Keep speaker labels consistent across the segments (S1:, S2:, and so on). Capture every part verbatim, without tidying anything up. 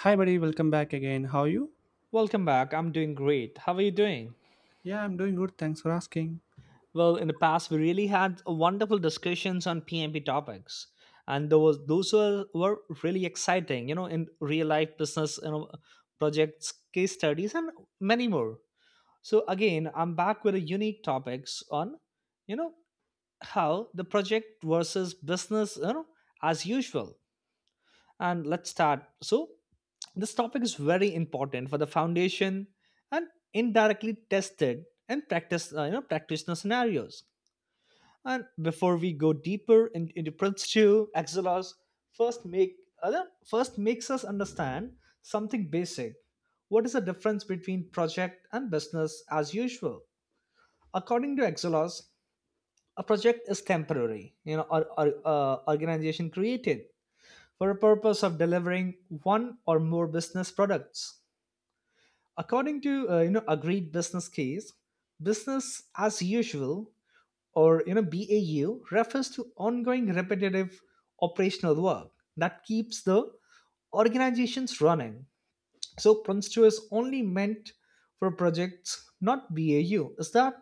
S1: Hi, buddy. Welcome back again. How are you?
S2: Welcome back. I'm doing great. How are you doing?
S1: Yeah, I'm doing good. Thanks for asking.
S2: Well, in the past, we really had wonderful discussions on P M P topics, and those those were, were really exciting. You know, in real life business, you know, projects, case studies, and many more. So again, I'm back with a unique topics on, you know, how the project versus business, you know, as usual. And let's start. So this topic is very important for the foundation and indirectly tested and practice, uh, you know, practitioner scenarios. And before we go deeper in, into Prince two, Axelos first make uh, first makes us understand something basic. What is the difference between project and business as usual? According to Exelos, a project is temporary, you know, or, or uh, organization created for the purpose of delivering one or more business products, according to uh, you know agreed business case. Business as usual, or you know BAU, refers to ongoing repetitive operational work that keeps the organizations running. So Prince two is only meant for projects, not BAU. Is that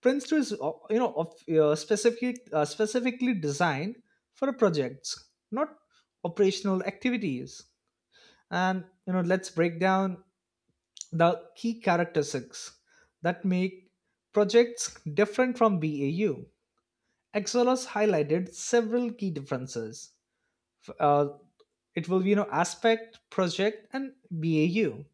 S2: Prince two is uh, you know of, uh, specific, uh, specifically designed for projects, not operational activities. And you know Let's break down the key characteristics that make projects different from B A U. Excelos highlighted several key differences. F- uh, it will be you know aspect, project, and B A U.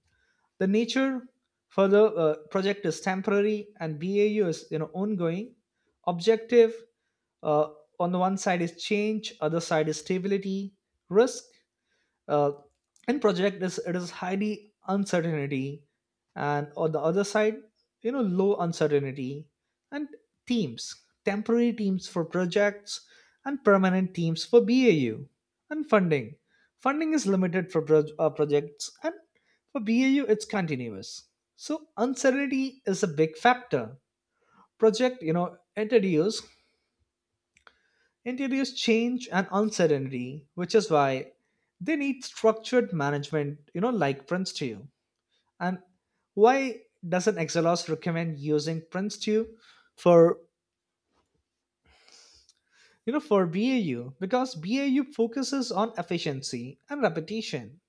S2: The nature for the uh, project is temporary, and B A U is you know ongoing. Objective uh, on the one side is change, other side is stability. Risk uh, in project is it is highly uncertainty, and on the other side, you know low uncertainty. And teams, temporary teams for projects and permanent teams for BAU. And funding funding is limited for proj- uh, projects, and for BAU it's continuous. So uncertainty is a big factor. Project you know introduce introduce change and uncertainty, which is why they need structured management, you know, like Prince two. And why doesn't Excelos recommend using Prince two for, you know, for B A U? Because B A U focuses on efficiency and repetition,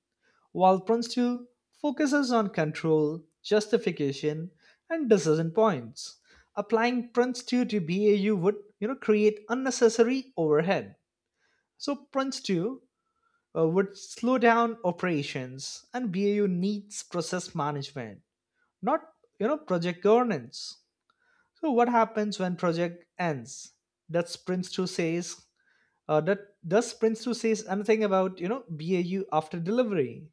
S2: while Prince two focuses on control, justification, and decision points. Applying Prince two to B A U would, you know, create unnecessary overhead. So Prince two uh, would slow down operations, and B A U needs process management, not you know project governance. So what happens when project ends? That sprints to says uh, that does sprints to says anything about you know B A U after delivery.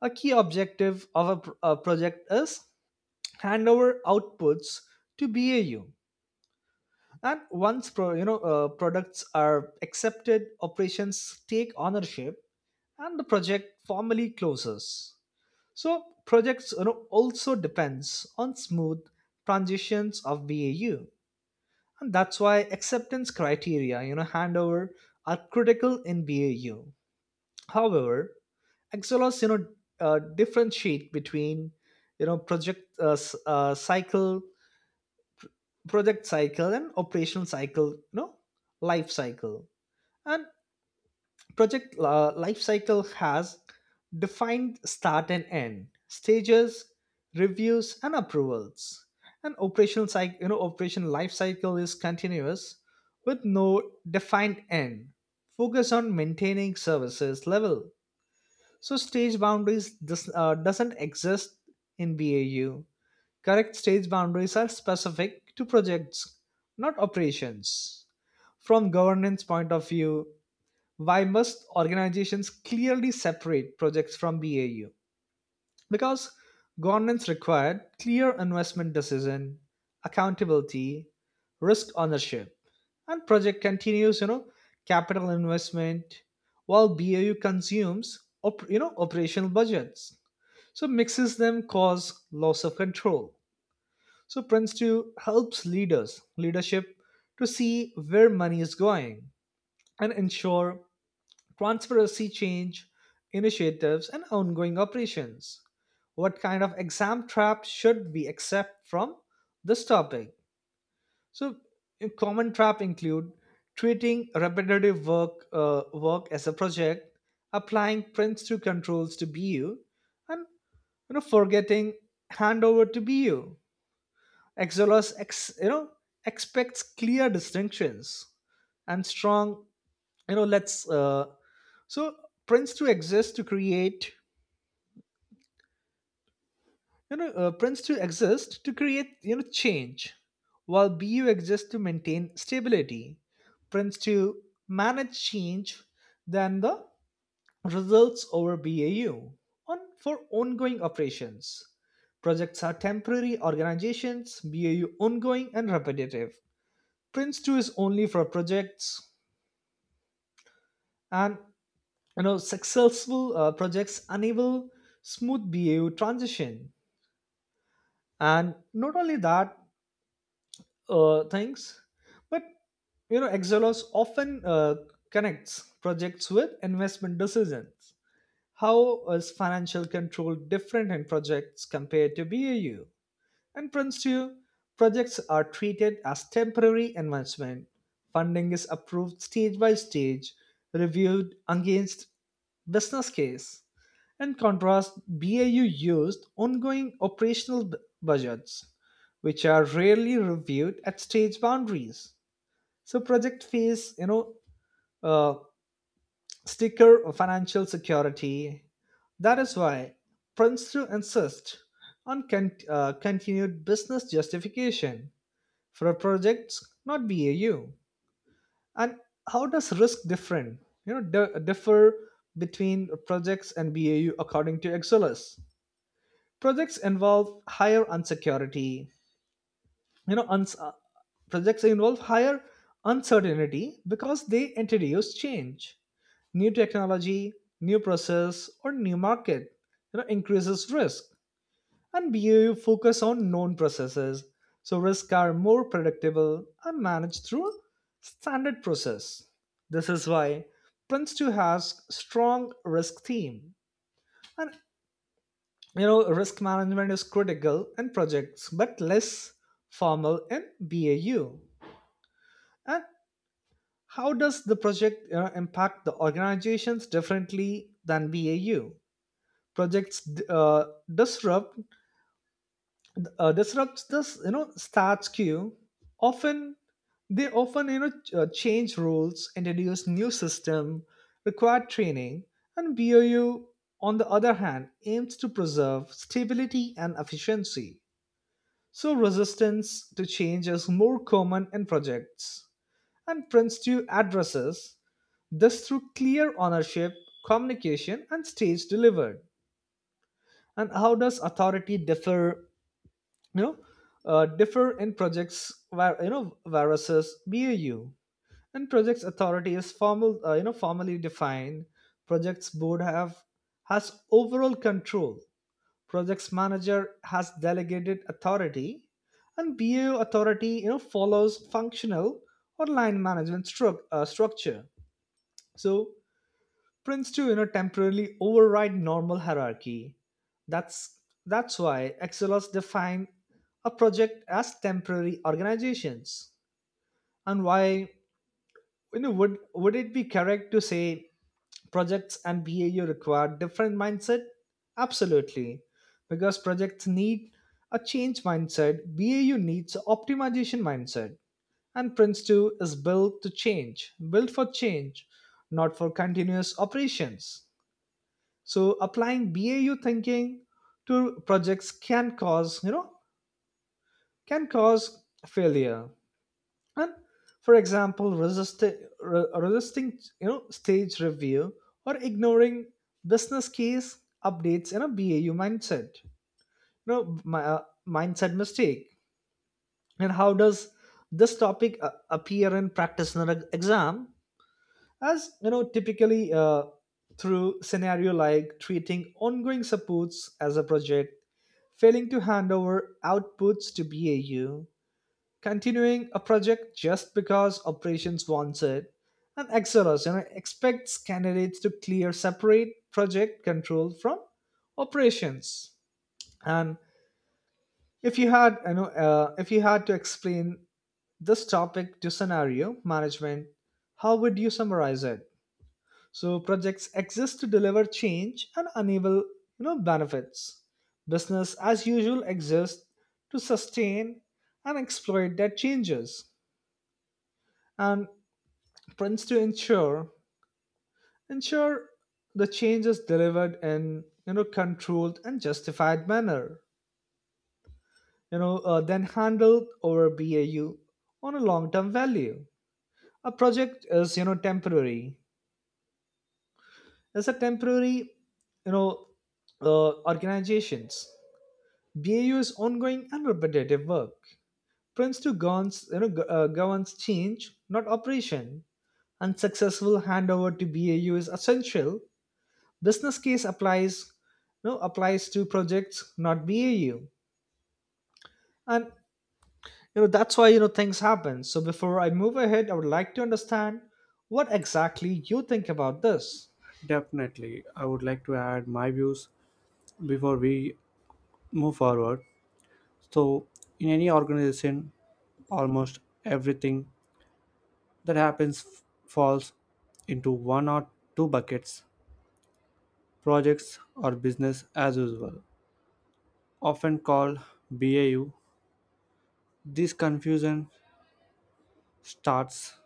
S2: A key objective of a, pr- a project is handover outputs to B A U. And once pro, you know uh, products are accepted, operations take ownership, and the project formally closes. So projects, you know, also depends on smooth transitions of B A U, and that's why acceptance criteria, you know, handover are critical in B A U. However, Excelos, you know, uh, differentiate between you know project uh, s- uh, cycle, project cycle and operational cycle, you know, life cycle. And project uh, life cycle has defined start and end, stages, reviews, and approvals. An operational cycle, you know, operation life cycle is continuous with no defined end. Focus on maintaining services level. So stage boundaries does, uh, doesn't exist in B A U. Correct, stage boundaries are specific to projects, not operations. From governance point of view, why must organizations clearly separate projects from B A U? Because governance required clear investment decision, accountability, risk ownership, and project continues, you know, capital investment, while B A U consumes, op- you know, operational budgets. So mixes them cause loss of control. So Prince two helps leaders, leadership to see where money is going and ensure transparency change initiatives, and ongoing operations. What kind of exam trap should we accept from this topic? So, a common trap include treating repetitive work uh, work as a project, applying prints to controls to B U, and you know forgetting handover to B U. Exolus ex, you know expects clear distinctions and strong you know let's uh, so prints to exist to create you know uh, prints to exist to create you know change, while BU exists to maintain stability. Prints to manage change than the results over BAU on for ongoing operations. Projects are temporary organizations, BAU ongoing and repetitive. Prince two is only for projects, and you know successful uh, projects enable smooth BAU transition. And not only that uh, things, but you know Exelos often uh, connects projects with investment decisions. How is financial control different in projects compared to BAU and Prince two? Projects are treated as temporary investment. Funding is approved stage by stage, reviewed against business case. In contrast, B A U used ongoing operational b- budgets, which are rarely reviewed at stage boundaries. So project phase, you know, uh, sticker of financial security. That is why Princeton insists on con- uh, continued business justification for a project, not B A U. And how does risk different? You know, di- differ between projects and B A U according to Exolus. Projects involve higher unsecurity. You know, uns- uh, Projects involve higher uncertainty because they introduce change, new technology, new process, or new market, you know, increases risk. And B A U focus on known processes, so risks are more predictable and managed through standard process. This is why Prince two has strong risk theme. And you know, risk management is critical in projects, but less formal in B A U. And how does the project, you know, impact the organizations differently than B A U? Projects uh, disrupt uh, disrupts this you know starts queue often. They often you know ch- uh, change rules, introduce new system, require training. And BOU, on the other hand, aims to preserve stability and efficiency. So resistance to change is more common in projects, and Prince two addresses this through clear ownership, communication, and stage delivered. And how does authority differ, you know uh, differ in projects where you know viruses B A U? And projects authority is formal uh, you know formally defined. Projects board have has overall control. Projects manager has delegated authority, and B A U authority you know follows functional or line management stru- uh, structure. So Prince to you know temporarily override normal hierarchy. That's that's why Excelos define a project as temporary organizations. And why, you know would would it be correct to say projects and BAU require different mindset? Absolutely, because projects need a change mindset, BAU needs optimization mindset. And Prince two is built to change, built for change, not for continuous operations. So applying B A U thinking to projects can cause, you know, can cause failure. And for example, resisting, resisting, you know, stage review or ignoring business case updates in a B A U mindset. You know, my, uh, mindset mistake. And how does this topic uh, appear in practitioner exam? As you know typically uh, Through scenario like treating ongoing supports as a project, failing to hand over outputs to BAU, continuing a project just because operations wants it. And XRS you know expects candidates to clear separate project control from operations. And if you had you know uh, if you had to explain this topic to scenario management, how would you summarize it? So projects exist to deliver change and enable you know benefits. Business as usual exists to sustain and exploit that changes. And prints to ensure ensure the change is delivered in you know controlled and justified manner. You know uh, then handled over B A U on a long-term value. A project is you know temporary. It's a temporary you know uh, organizations. B A U's ongoing and repetitive work. Prince to Gowan's, you know, Go- uh, Gowan's change, not operation. Unsuccessful handover to B A U is essential. Business case applies, you know, applies to projects, not B A U. And you know that's why you know things happen. So before I move ahead, I would like to understand what exactly you think about this.
S1: Definitely, I would like to add my views before we move forward. So, in any organization, almost everything that happens f- falls into one or two buckets, projects or business as usual, often called B A U. This confusion starts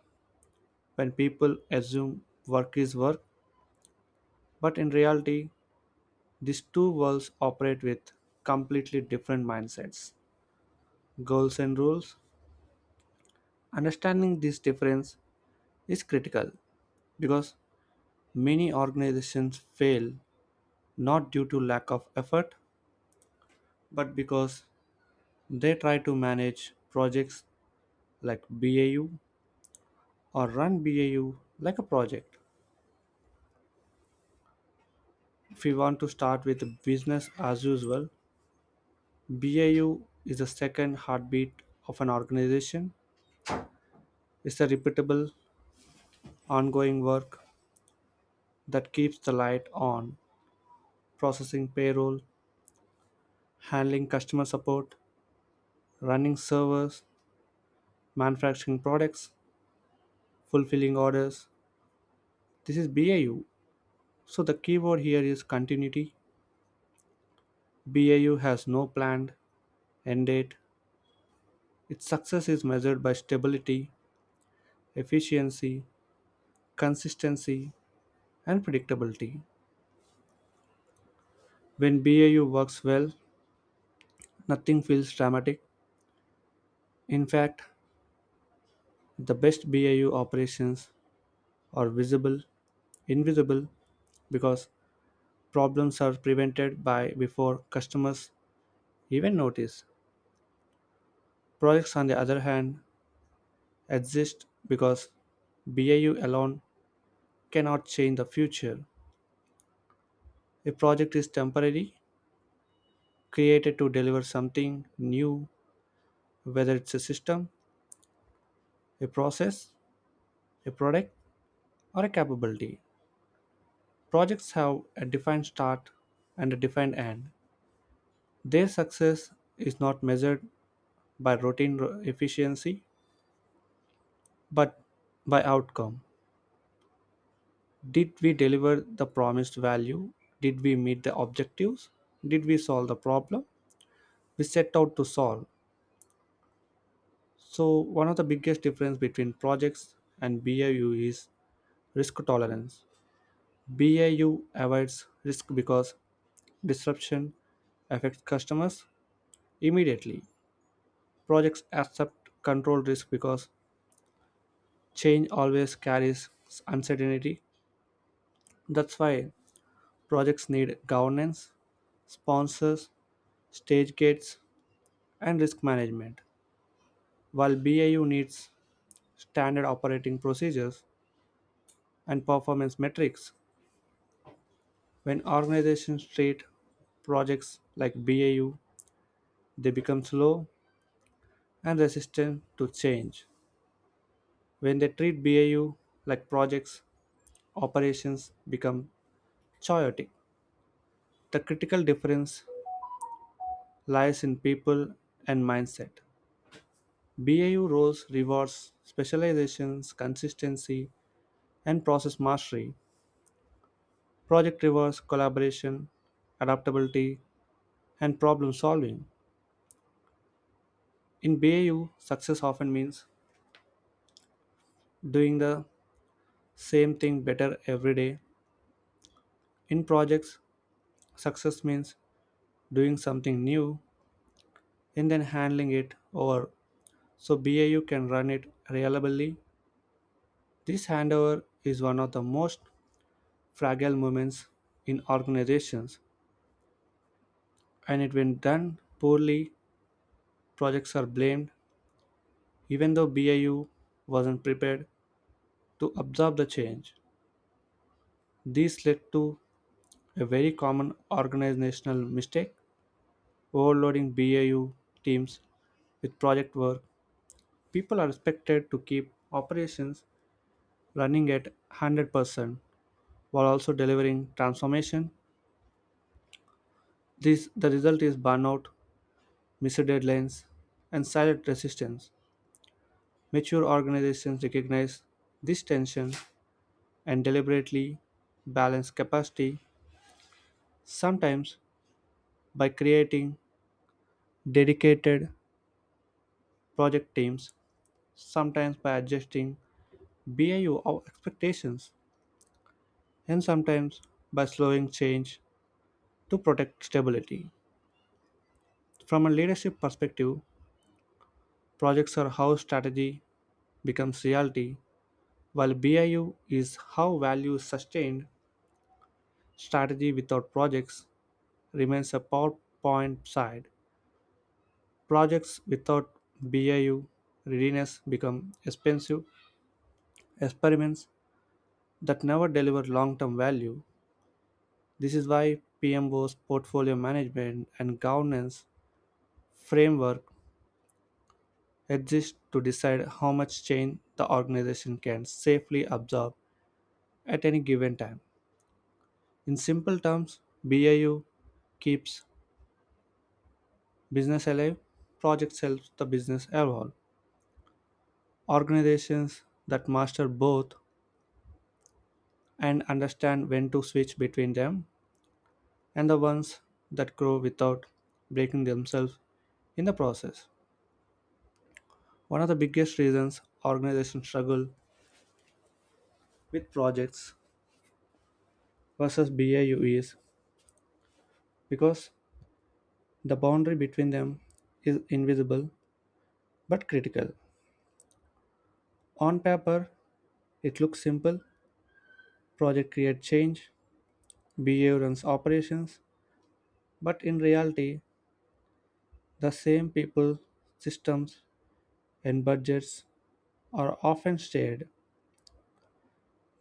S1: when people assume work is work, but in reality, these two worlds operate with completely different mindsets, goals, and rules. Understanding this difference is critical because many organizations fail not due to lack of effort, but because they try to manage projects like B A U or run B A U like a project. If we want to start with business as usual, B A U is the second heartbeat of an organization. It's a repeatable, ongoing work that keeps the light on, processing payroll, handling customer support, running servers, manufacturing products, fulfilling orders. This is B A U. So the keyword here is continuity. B A U has no planned end date. Its success is measured by stability, efficiency, consistency, and predictability. When B A U works well, nothing feels dramatic. In fact, the best B A U operations are visible, invisible, because problems are prevented by before customers even notice. Projects, on the other hand, exist because B A U alone cannot change the future. A project is temporary, created to deliver something new, whether it's a system, a process, a product, or a capability. Projects have a defined start and a defined end. Their success is not measured by routine ro- efficiency, but by outcome. Did we deliver the promised value? Did we meet the objectives? Did we solve the problem we set out to solve? So, one of the biggest difference between projects and B A U is risk tolerance. B A U avoids risk because disruption affects customers immediately. Projects accept controlled risk because change always carries uncertainty. That's why projects need governance, sponsors, stage gates, and risk management. While B A U needs standard operating procedures and performance metrics, when organizations treat projects like B A U, they become slow and resistant to change. When they treat B A U like projects, operations become chaotic. The critical difference lies in people and mindset. B A U roles rewards specializations, consistency, and process mastery, project rewards collaboration, adaptability, and problem solving. In B A U, success often means doing the same thing better every day. In projects, success means doing something new and then handling it over so B A U can run it reliably. This handover is one of the most fragile moments in organizations, and it when done poorly, projects are blamed even though B A U wasn't prepared to absorb the change. This led to a very common organizational mistake, overloading B A U teams with project work. People are expected to keep operations running at one hundred percent while also delivering transformation. This, the result is burnout, missed deadlines, and silent resistance. Mature organizations recognize this tension and deliberately balance capacity, sometimes by creating dedicated project teams, sometimes by adjusting B A U or expectations, and sometimes by slowing change to protect stability. From a leadership perspective, projects are how strategy becomes reality, while B I U is how value is sustained. Strategy without projects remains a PowerPoint side. Projects without B I U readiness become expensive experiments that never deliver long term value. This is why P M O's portfolio management and governance framework exists to decide how much change the organization can safely absorb at any given time. In simple terms, B A U keeps business alive, projects helps the business evolve. Organizations that master both and understand when to switch between them and the ones that grow without breaking themselves in the process. One of the biggest reasons organizations struggle with projects versus B A U is because the boundary between them is invisible but critical. On paper, it looks simple, project creates change, B A U runs operations, but in reality, the same people, systems, and budgets are often shared.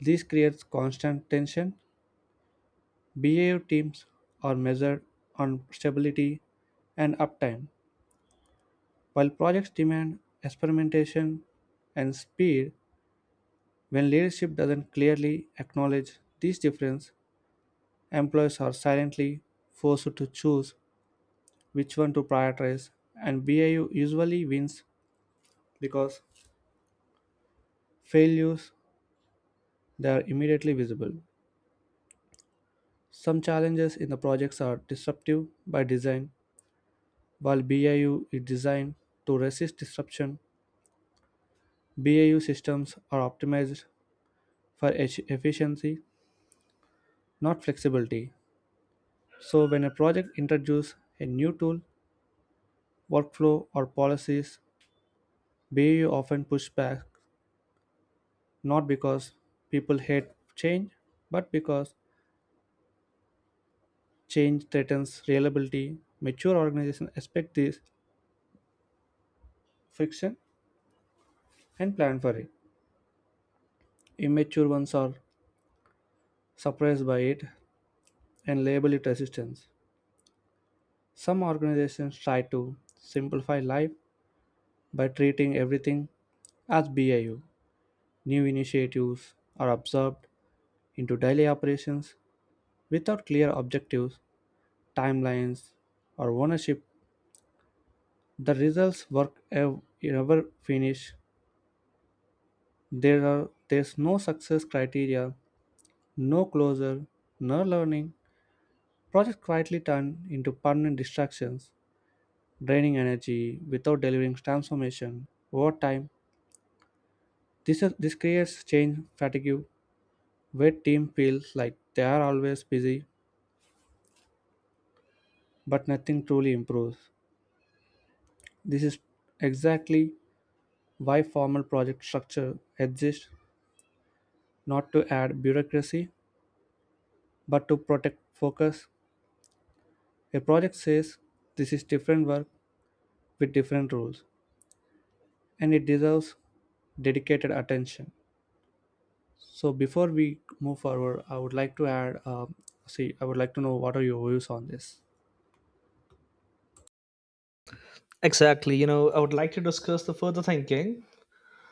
S1: This creates constant tension. B A U teams are measured on stability and uptime, while projects demand experimentation and speed. When leadership doesn't clearly acknowledge these differences, employees are silently forced to choose which one to prioritize, and B I U usually wins because failures, they are immediately visible. Some challenges in the projects are disruptive by design, while B I U is designed to resist disruption. B I U systems are optimized for eff- efficiency, not flexibility. So, when a project introduces a new tool, workflow, or policies, B A U often push back not because people hate change, but because change threatens reliability. Mature organizations expect this friction and plan for it. Immature ones are surprised by it and label it resistance. Some organizations try to simplify life by treating everything as B I U. New initiatives are absorbed into daily operations without clear objectives, timelines, or ownership, the results work ev- never finish. There are there's no success criteria, no closure, no learning. Projects quietly turn into permanent distractions, draining energy without delivering transformation. Over time, this is, this creates change fatigue, where team feels like they are always busy, but nothing truly improves. This is exactly why formal project structure exists, not to add bureaucracy but to protect focus. A project says this is different work with different rules and it deserves dedicated attention. So before we move forward, I would like to add. Um, see, I would like to know what are your views on this.
S2: Exactly, you know, I would like to discuss the further thinking.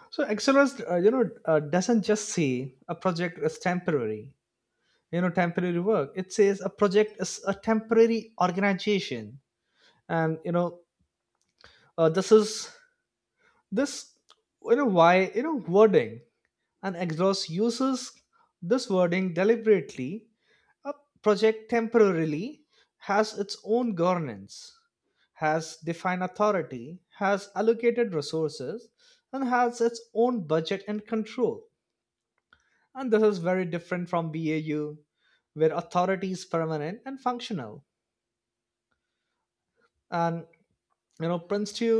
S2: So Excellus, uh, you know, uh, doesn't just say a project is temporary you know temporary work. It says a project is a temporary organization. And you know uh, this is this you know why you know wording, and Exos uses this wording deliberately. A project temporarily has its own governance, has defined authority, has allocated resources, and has its own budget and control. And this is very different from BAU, where authority is permanent and functional. And you know Prince two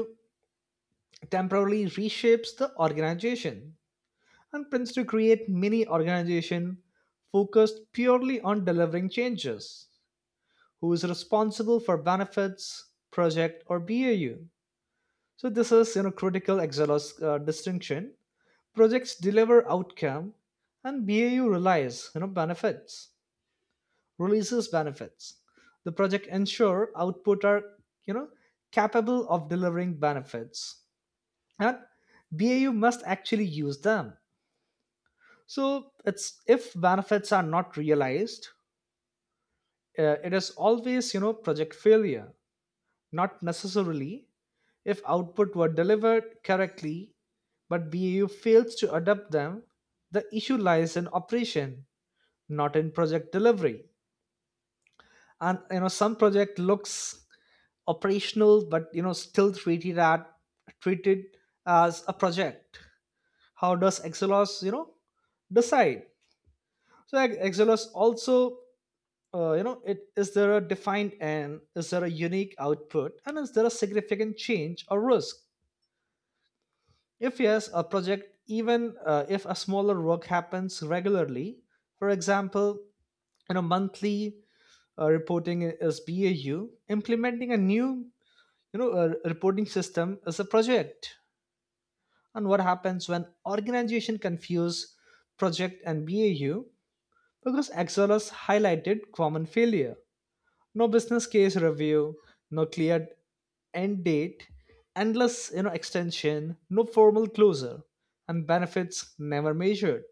S2: temporarily reshapes the organization, and Prince two create mini organization focused purely on delivering changes. Who is responsible for benefits, project or BAU? So this is you know critical Exelos uh, distinction. Projects deliver outcome, and BAU relies, you know benefits, releases benefits. The project ensure output are you know capable of delivering benefits, and B A U must actually use them. So it's, if benefits are not realized, uh, it is always, you know project failure, not necessarily, if output were delivered correctly, but B A U fails to adopt them. The issue lies in operation, not in project delivery. And you know some project looks operational, but you know still treated at treated as a project. How does Excelos you know decide? So ex- Exodus also, uh, you know, it is there a defined end? Is there a unique output? And is there a significant change or risk? If yes, a project, even uh, if a smaller work happens regularly. For example, you know, monthly uh, reporting is B A U, implementing a new, you know, uh, reporting system is a project. And what happens when organization confuse project and B A U? Because Exodus highlighted common failure. No business case review, no clear end date, endless, you know extension, no formal closure, and benefits never measured.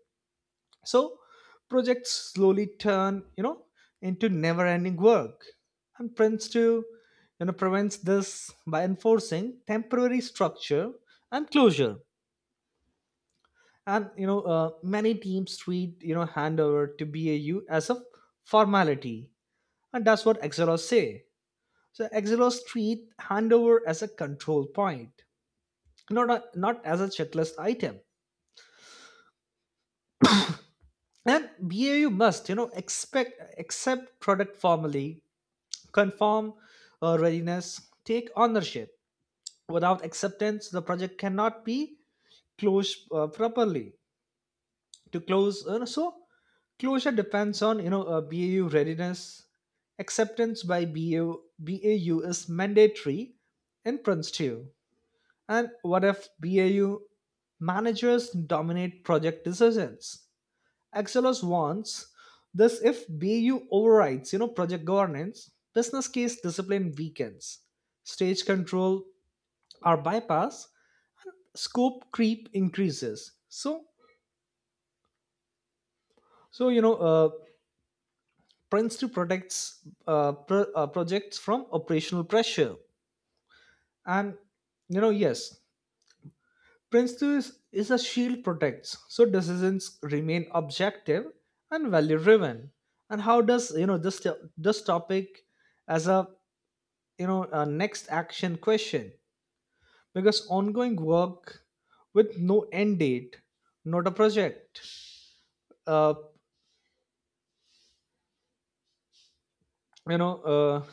S2: So projects slowly turn, you know into never ending work. And Prince Two you know prevents this by enforcing temporary structure and closure. And you know uh, many teams treat, you know handover to BAU as a formality. And that's what Excelos say. So Exelos treat handover as a control point, not a, not as a checklist item. And B A U must, you know, expect accept product formally, confirm uh, readiness, take ownership. Without acceptance, the project cannot be closed uh, properly. To close, uh, so closure depends on you know uh, B A U readiness. Acceptance by B A U, B A U is mandatory in Prince two. And what if B A U managers dominate project decisions? Excelos wants this. If B A U overrides, you know, project governance, business case discipline weakens, stage control are bypassed, scope creep increases. So, so you know, uh, Prince to protects uh, pro- uh, projects from operational pressure. And, you know, yes, Principle is, is a shield protects, so decisions remain objective and value driven. And how does you know this this topic as a you know a next action question? Because ongoing work with no end date, not a project. Uh, you know, uh,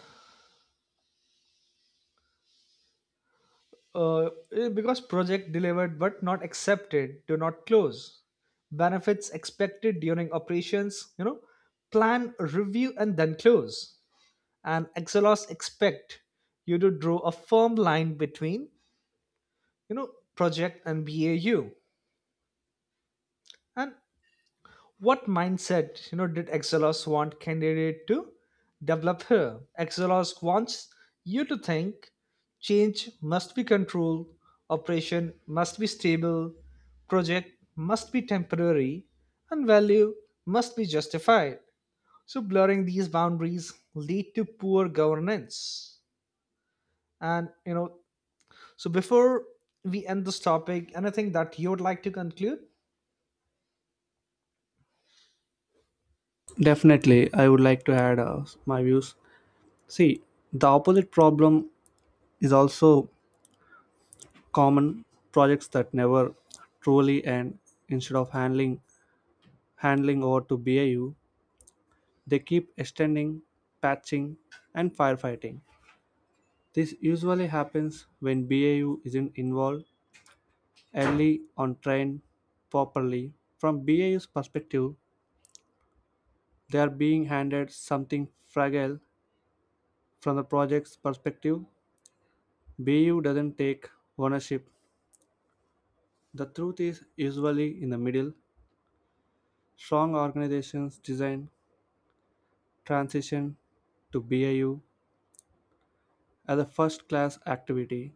S2: uh, eh, because project delivered but not accepted do not close. Benefits expected during operations. You know, plan, review, and then close. And Excelos expect you to draw a firm line between you know project and BAU. And what mindset you know did Excelos want candidate to develop here? Excelos wants you to think change must be controlled, operation must be stable, project must be temporary, and value must be justified. So blurring these boundaries lead to poor governance. And you know So before we end this topic, anything that you would like to conclude?
S1: Definitely, I would like to add uh, my views. See, the opposite problem is also common, projects that never truly end. Instead of handling handling over to B A U, they keep extending, patching, and firefighting. This usually happens when B A U isn't involved early on trained properly. From B A U's perspective, they are being handed something fragile. From the project's perspective, B A U doesn't take ownership. The truth is usually in the middle. Strong organizations design transition to B A U as a first class activity,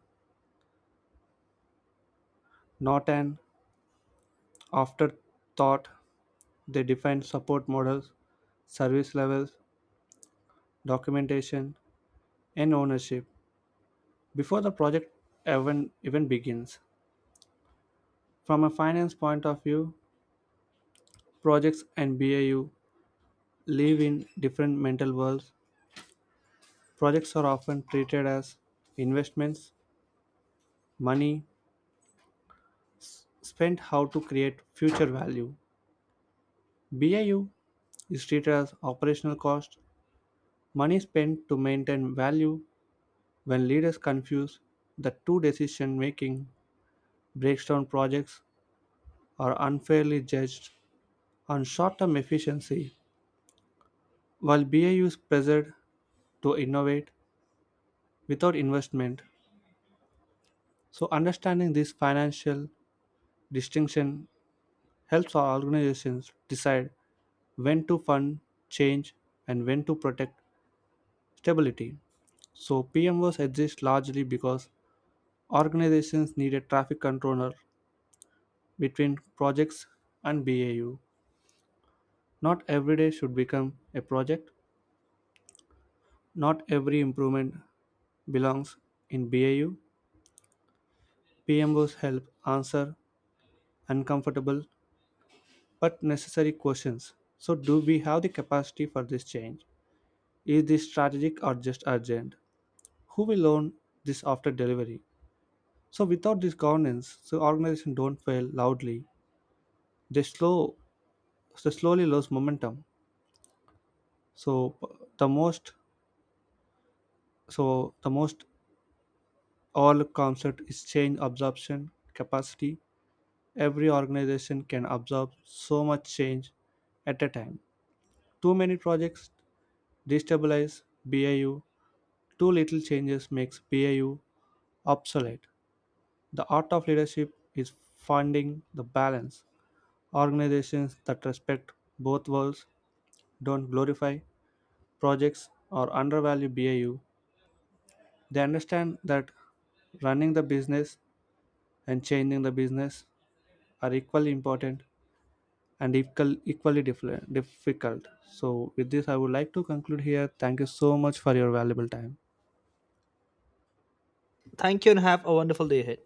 S1: not an afterthought. They defined support models, service levels, documentation, and ownership before the project even, even begins. From a finance point of view, projects and B A U live in different mental worlds. Projects are often treated as investments, money spent how to create future value. B A U is treated as operational cost, money spent to maintain value when leaders confuse the two decision making breakdown. Projects are unfairly judged on short term efficiency, while B A U is pressured to innovate without investment. So, understanding this financial distinction helps our organizations decide when to fund change and when to protect stability. So, P M Os exist largely because organizations need a traffic controller between projects and B A U. Not every day should become a project, not every improvement belongs in B A U. P M Os help answer uncomfortable but necessary questions. So, do we have the capacity for this change? Is this strategic or just urgent? Who will own this after delivery? So, without this governance, so organizations don't fail loudly. They slow, they slowly lose momentum. So, the most, so the most all concept is change absorption capacity, every organization can absorb so much change at a time. Too many projects destabilize B I U, too little changes makes B I U obsolete. The art of leadership is finding the balance. Organizations that respect both worlds don't glorify projects or undervalue B I U. They understand that running the business and changing the business are equally important and equal, equally diffle- difficult. So, with this, I would like to conclude here. Thank you so much for your valuable time.
S2: Thank you and have a wonderful day ahead.